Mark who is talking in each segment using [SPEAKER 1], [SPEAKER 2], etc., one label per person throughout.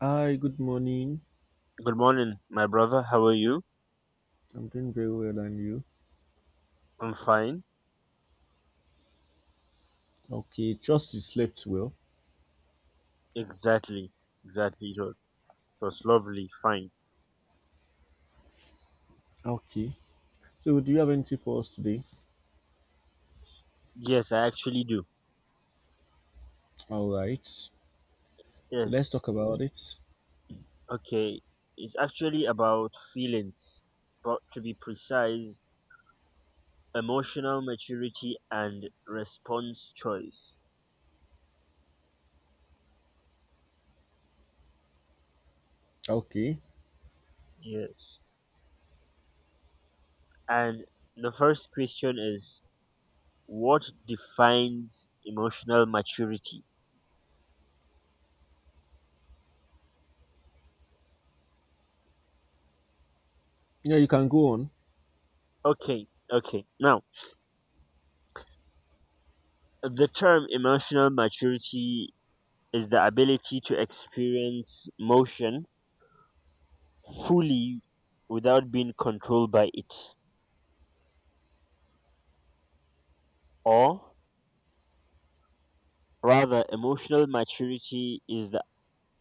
[SPEAKER 1] Hi, good morning.
[SPEAKER 2] Good morning, my brother. How are you?
[SPEAKER 1] I'm doing very well, and you?
[SPEAKER 2] I'm fine.
[SPEAKER 1] Okay, trust you slept well.
[SPEAKER 2] Exactly. Exactly. It was lovely. Fine.
[SPEAKER 1] Okay. So, do you have anything for us today?
[SPEAKER 2] Yes, I actually do.
[SPEAKER 1] All right. So, let's
[SPEAKER 2] Yes.
[SPEAKER 1] talk about it.
[SPEAKER 2] Okay. It's actually about feelings, but to be precise, emotional maturity and response choice.
[SPEAKER 1] Okay.
[SPEAKER 2] Yes. And the first question is what defines emotional maturity?
[SPEAKER 1] Yeah, you can go on.
[SPEAKER 2] Okay. Okay. Now, the term emotional maturity is the ability to experience motion fully without being controlled by it. Or rather, emotional maturity is the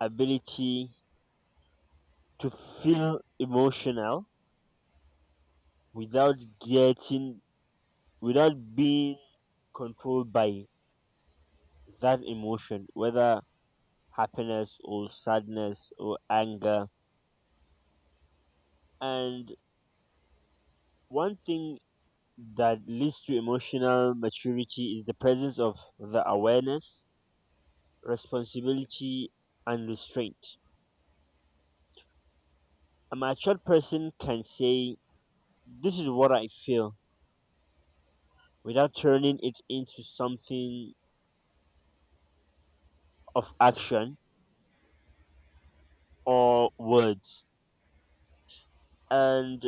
[SPEAKER 2] ability to feel emotional without getting, without being controlled by that emotion, whether happiness or sadness or anger. And one thing that leads to emotional maturity is the presence of the awareness, responsibility, and restraint. A mature person can say, "This is what I feel," without turning it into something of action or words. And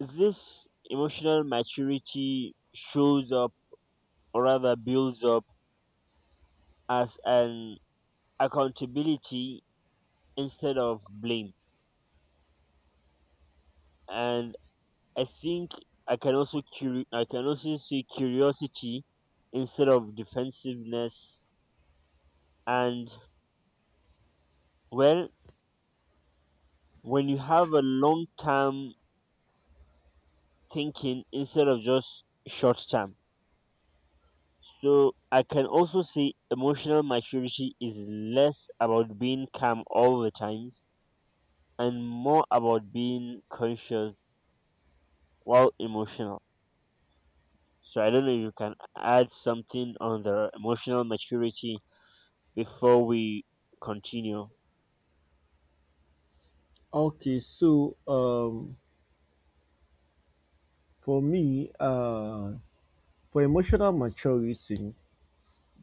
[SPEAKER 2] this emotional maturity shows up, or rather builds up, as an accountability instead of blame. And I think I can also see curiosity instead of defensiveness, and well, when you have a long term thinking instead of just short term. So I can also say emotional maturity is less about being calm all the times and more about being conscious while emotional. So I don't know if you can add something on the emotional maturity before we continue.
[SPEAKER 1] Okay, so um, for me, for emotional maturity,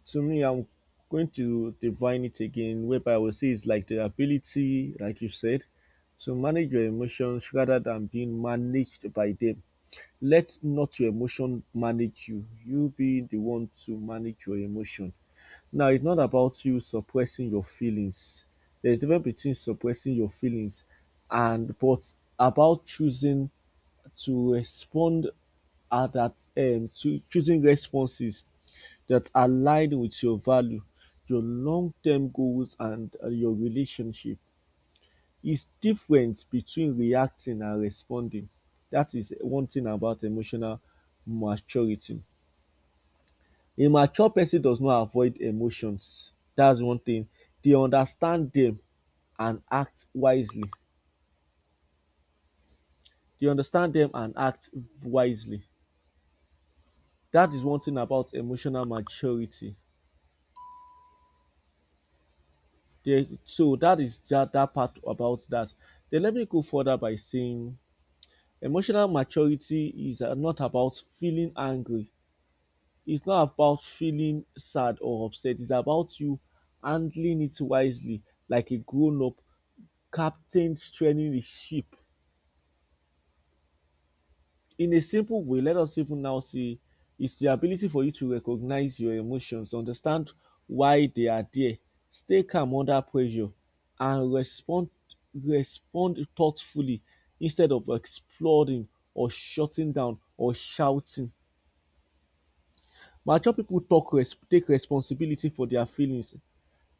[SPEAKER 1] to me, I'm going to define it again, whereby I would say it's like the ability, like you said, to manage your emotions rather than being managed by them. Let not your emotion manage you. You be the one to manage your emotion. Now, it's not about you suppressing your feelings. There's a difference between suppressing your feelings and but about choosing to respond at that to choosing responses that align with your value, your long-term goals, and your relationship. It's different between reacting and responding. That is one thing about emotional maturity. A mature person does not avoid emotions. That's one thing. They understand them and act wisely. They understand them and act wisely. That is one thing about emotional maturity. They, so that is that part about that. Then let me go further by saying emotional maturity is not about feeling angry. It's not about feeling sad or upset. It's about you handling it wisely like a grown up captain training the ship. In a simple way, let us even now see it's the ability for you to recognize your emotions, understand why they are there, stay calm under pressure, and respond thoughtfully instead of exploding or shutting down or shouting. Mature people take responsibility for their feelings.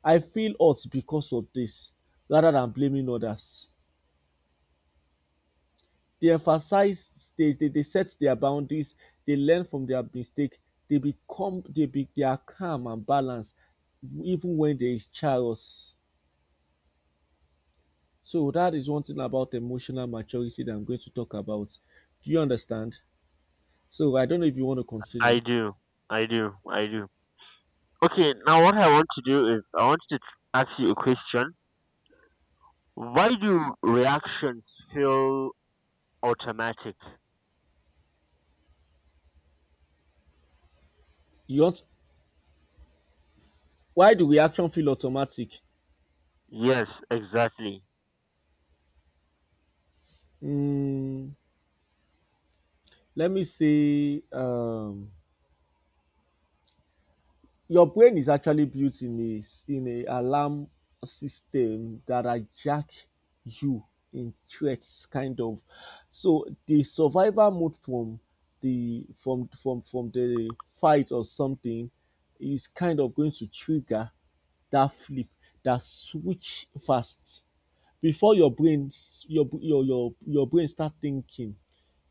[SPEAKER 1] I feel hurt because of this, rather than blaming others. They emphasize stage, they set their boundaries, they learn from their mistake, they become they be they are calm and balanced even when they char us. So that is one thing about emotional maturity that I'm going to talk about. Do you understand? So I don't know if you want to
[SPEAKER 2] I
[SPEAKER 1] continue.
[SPEAKER 2] do. I do. I do. Okay, now what I want to do is I want to ask you a question. Why do reactions feel automatic?
[SPEAKER 1] You want why do reaction feel automatic?
[SPEAKER 2] Yes, exactly.
[SPEAKER 1] Mm, Let me say your brain is actually built in a alarm system that hijack you in threats kind of. So the survival mode from the fight or something is kind of going to trigger that flip, that switch fast before your brain start thinking.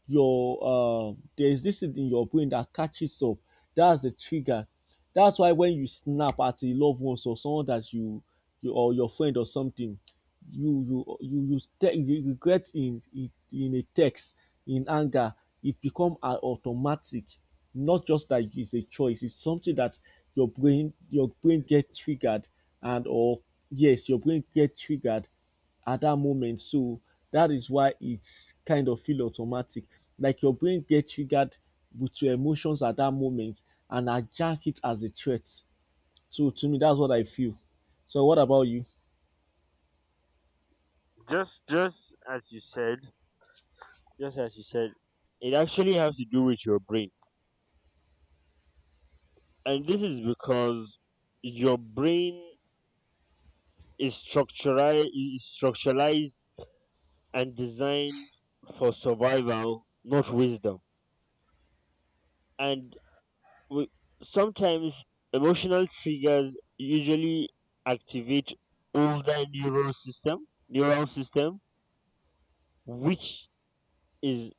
[SPEAKER 1] Your There is this thing in your brain that catches up. That's the trigger. That's why when you snap at a loved one or someone that you or your friend or something, you regret in, in a text in anger. It become an automatic, not just that it's a choice. It's something that your brain get triggered and or yes your brain get triggered at that moment. So that is why it's kind of feel automatic. Like your brain gets triggered with your emotions at that moment and adjust it as a threat. So to me, that's what I feel. So what about you?
[SPEAKER 2] Just as you said, just as you said, it actually has to do with your brain. And this is because your brain is structuralized and designed for survival, not wisdom. And we, sometimes emotional triggers usually activate older neural system which is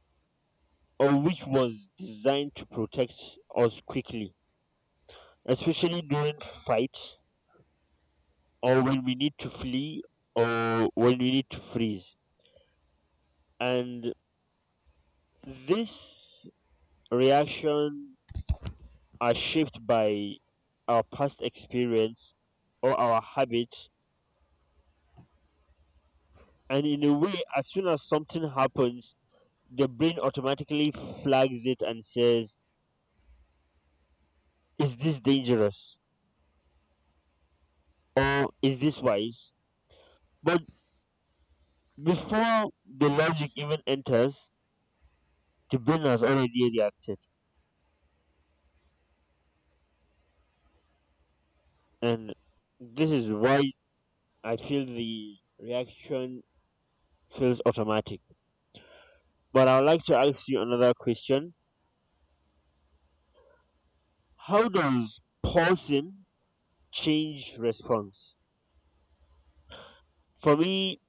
[SPEAKER 2] or which was designed to protect us quickly, especially during fights or when we need to flee or when we need to freeze. And this reaction are shaped by our past experience or our habits. And in a way, as soon as something happens, the brain automatically flags it and says, "Is this dangerous? Or is this wise?" But before the logic even enters, the brain has already reacted. And this is why I feel the reaction feels automatic. But I would like to ask you another question. How does pausing change response? For me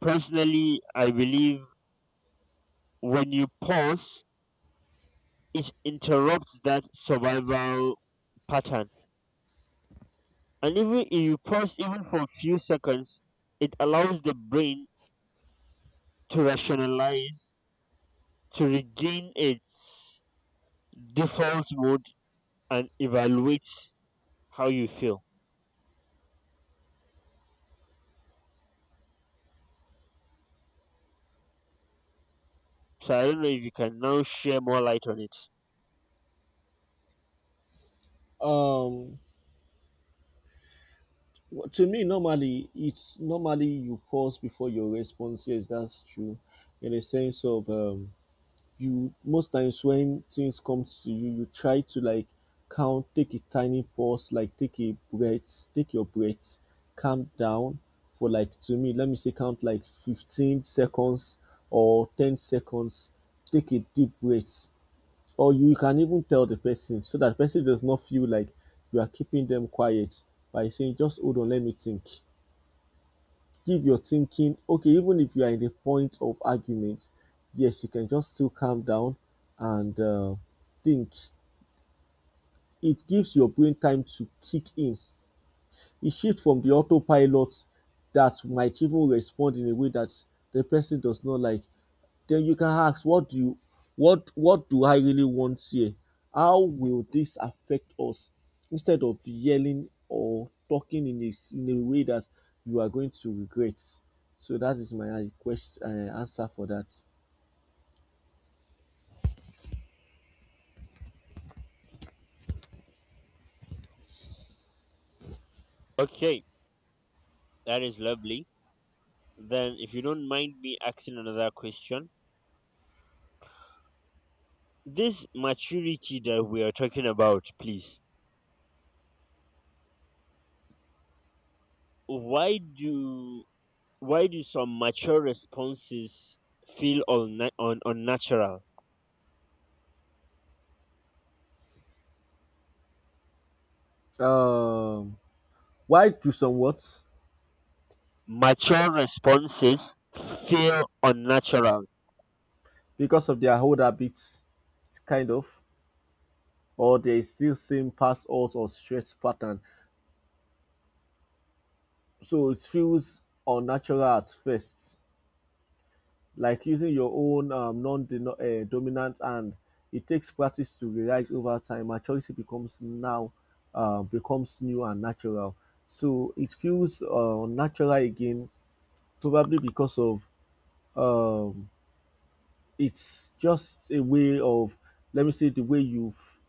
[SPEAKER 2] personally, I believe when you pause, it interrupts that survival pattern. And even if you pause even for a few seconds, it allows the brain to rationalize, to regain its default mode and evaluate how you feel. So I don't know if you can now share more light on it.
[SPEAKER 1] Um, to me, normally it's normally you pause before your response. Yes, that's true. In a sense of you most times when things come to you, you try to like count, take a tiny pause, like take a breath, take your breath, calm down for like to me, let me say count like 15 seconds or 10 seconds, take a deep breath. Or you can even tell the person so that the person does not feel like you are keeping them quiet by saying, just hold on, let me think, give your thinking, okay, even if you are in the point of argument, yes, you can just still calm down and think. It gives your brain time to kick in. It shifts from the autopilot that might even respond in a way that the person does not like. Then you can ask, what do you, what do I really want here, how will this affect us, instead of yelling or talking in a way that you are going to regret. So that is my question, answer for that.
[SPEAKER 2] Okay, that is lovely. Then, if you don't mind me asking another question, this maturity that we are talking about, please, why do why do some mature responses feel unnatural?
[SPEAKER 1] Um why do some what
[SPEAKER 2] Mature responses feel unnatural.
[SPEAKER 1] Because of their old habits kind of, or they still same past odds or stress pattern. So it feels unnatural at first, like using your own non-dominant hand. It takes practice to realize. Over time, maturity becomes now becomes new and natural. So it feels natural again, probably because of um, it's just a way of, let me say, the way you've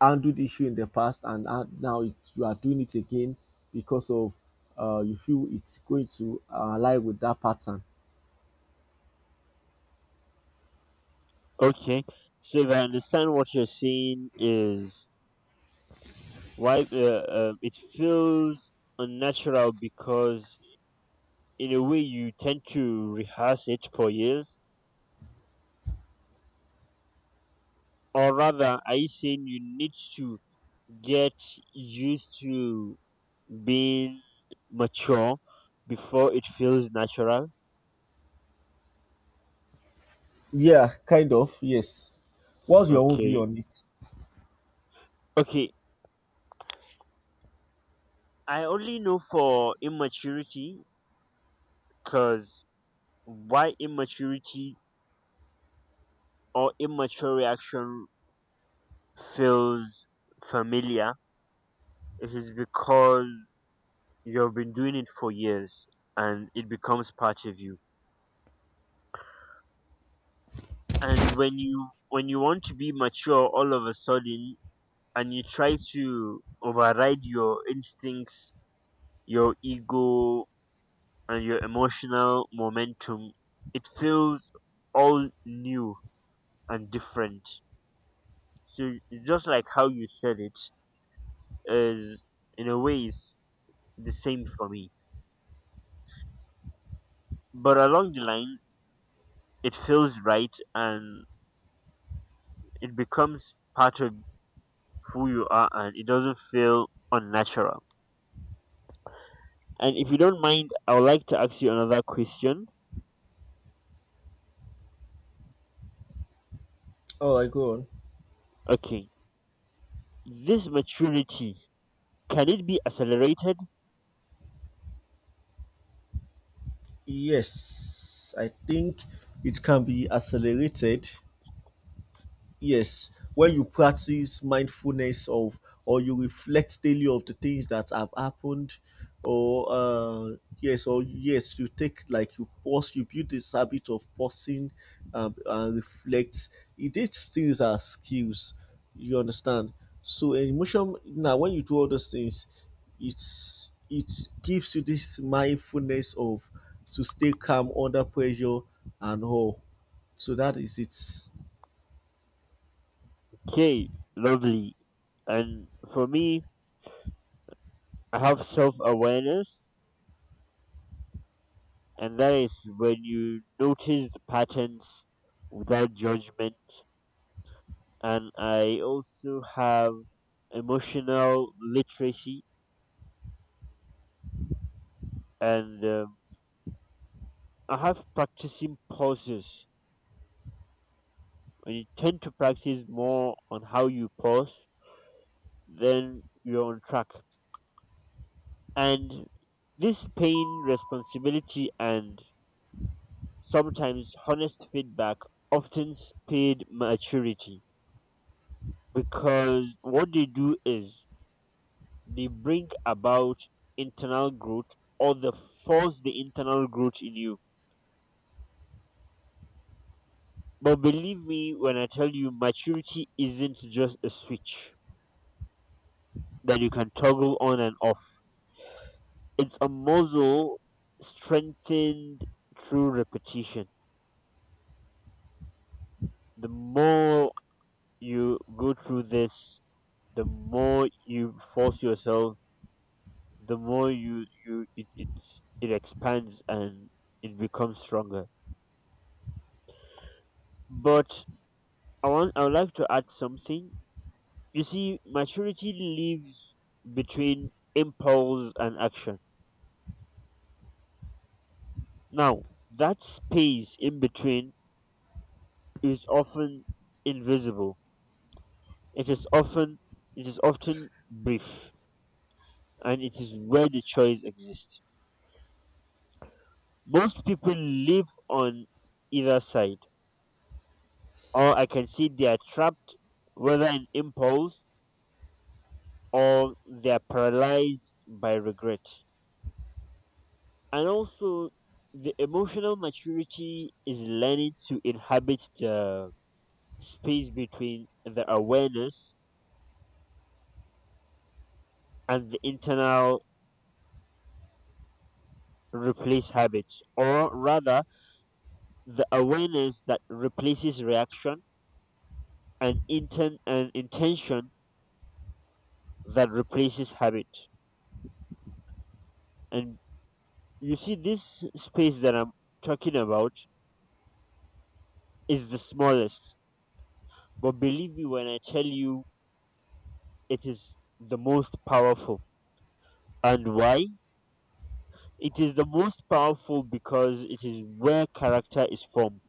[SPEAKER 1] handled the issue in the past, and now it, you are doing it again because of you feel it's going to align with that pattern.
[SPEAKER 2] Okay, so if I understand what you're saying is why it feels unnatural because in a way you tend to rehearse it for years, or rather, are you saying you need to get used to being mature before it feels natural?
[SPEAKER 1] Yeah, kind of. Yes. What's your own view
[SPEAKER 2] Okay,
[SPEAKER 1] on it?
[SPEAKER 2] okay, I only know for immaturity because why immaturity or immature reaction feels familiar, it is because you've been doing it for years and it becomes part of you. And when you want to be mature all of a sudden and you try to override your instincts, your ego and your emotional momentum, it feels all new and different. So just like how you said it is, in a way, is the same for me. But along the line it feels right and it becomes part of who you are and it doesn't feel unnatural. And if you don't mind, I would like to ask you another question.
[SPEAKER 1] All right, go on.
[SPEAKER 2] Okay, this maturity, can it be accelerated?
[SPEAKER 1] Yes, I think it can be accelerated. Yes, when you practice mindfulness of, or you reflect daily of the things that have happened, or yes, or yes, you take like you pause, you build this habit of pausing and reflect. It These things are skills, you understand. So emotion now, when you do all those things, it gives you this mindfulness of to stay calm under pressure and all. So that is it.
[SPEAKER 2] Okay, lovely. And for me, I have self awareness, and that is when you notice the patterns without judgment. And I also have emotional literacy, and I have practicing pauses. When you tend to practice more on how you pause, then you're on track. And this pain, responsibility, and sometimes honest feedback often speed maturity because what they do is they bring about internal growth, or they force the internal growth in you. But believe me when I tell you, maturity isn't just a switch that you can toggle on and off. It's a muscle strengthened through repetition. The more you go through this, the more you force yourself, the more it expands and it becomes stronger. But I would like to add something. You see, maturity lives between impulse and action. Now that space in between is often invisible. It is often it is often brief and it is where the choice exists. Most people live on either side, or I can see they are trapped, whether in impulse or they are paralyzed by regret. And also, the emotional maturity is learning to inhabit the space between the awareness and the internal replace habits, or rather the awareness that replaces reaction, an intention that replaces habit. And you see, this space that I'm talking about is the smallest, but believe me when I tell you, it is the most powerful. And why? It is the most powerful because it is where character is formed.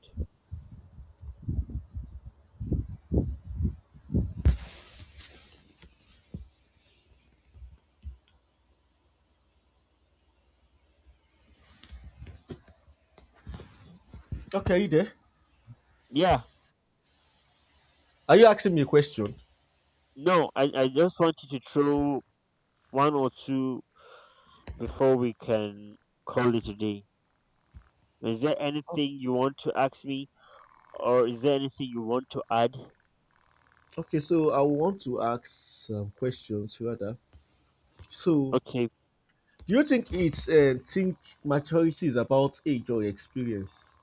[SPEAKER 1] Okay, you there?
[SPEAKER 2] Yeah.
[SPEAKER 1] Are you asking me a question?
[SPEAKER 2] No, I just wanted to throw one or two before we can call it a day. Is there anything you want to ask me, or is there anything you want to add?
[SPEAKER 1] Okay, so I want to ask some questions rather. So,
[SPEAKER 2] Okay,
[SPEAKER 1] do you think it's think maturity is about age or experience?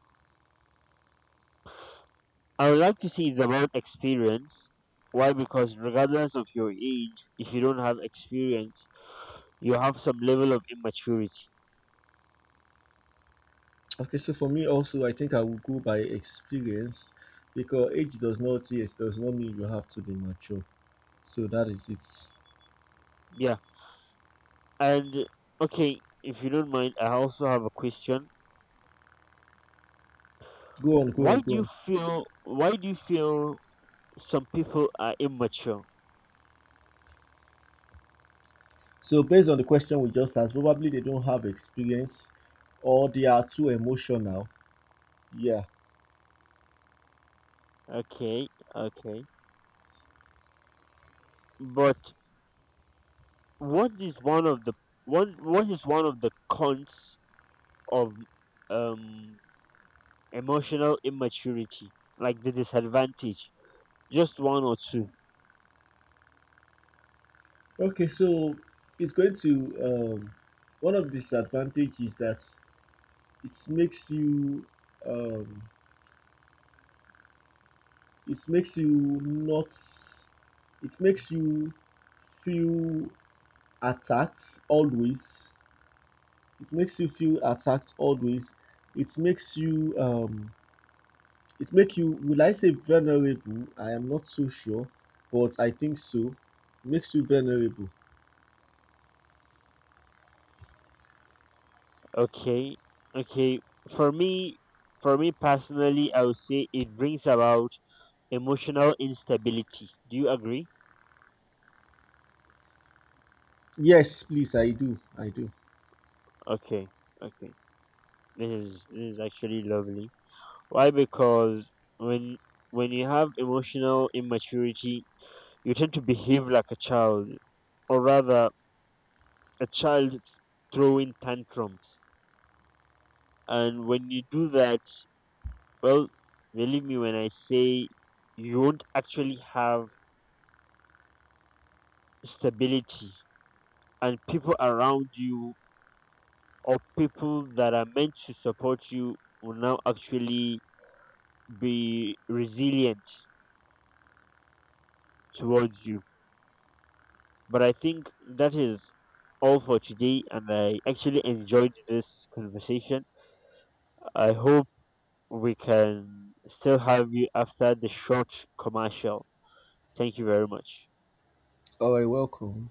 [SPEAKER 2] I would like to say it's about experience. Why? Because regardless of your age, if you don't have experience, you have some level of immaturity.
[SPEAKER 1] Okay, so for me also, I think I will go by experience because age does not, yes, does not mean you have to be mature. So that is it.
[SPEAKER 2] Yeah. And okay, if you don't mind, I also have a question.
[SPEAKER 1] Go on, go on, go on.
[SPEAKER 2] Why do you feel some people are immature?
[SPEAKER 1] So based on the question we just asked, probably they don't have experience or they are too emotional. Yeah.
[SPEAKER 2] Okay, okay. But what is one of the what is one of the cons of um emotional immaturity? Like the disadvantage? Just one or two.
[SPEAKER 1] Okay, so it's going to um, one of the disadvantages is that it makes you um, it makes you not it makes you feel attacked always. It makes you feel attacked always. It makes you it make you, will I say vulnerable? I am not so sure, but I think so. Makes you vulnerable.
[SPEAKER 2] Okay. Okay. For me, for me personally, I would say it brings about emotional instability. Do you agree?
[SPEAKER 1] Yes, please, I do. I do.
[SPEAKER 2] Okay. Okay. This is actually lovely. Why? Because when when you have emotional immaturity, you tend to behave like a child, or rather, a child throwing tantrums. And when you do that, well, believe me when I say you won't actually have stability, and people around you or people that are meant to support you will now actually be resilient towards you. But I think that is all for today, and I actually enjoyed this conversation. I hope we can still have you after the short commercial. Thank you very much.
[SPEAKER 1] All right, welcome.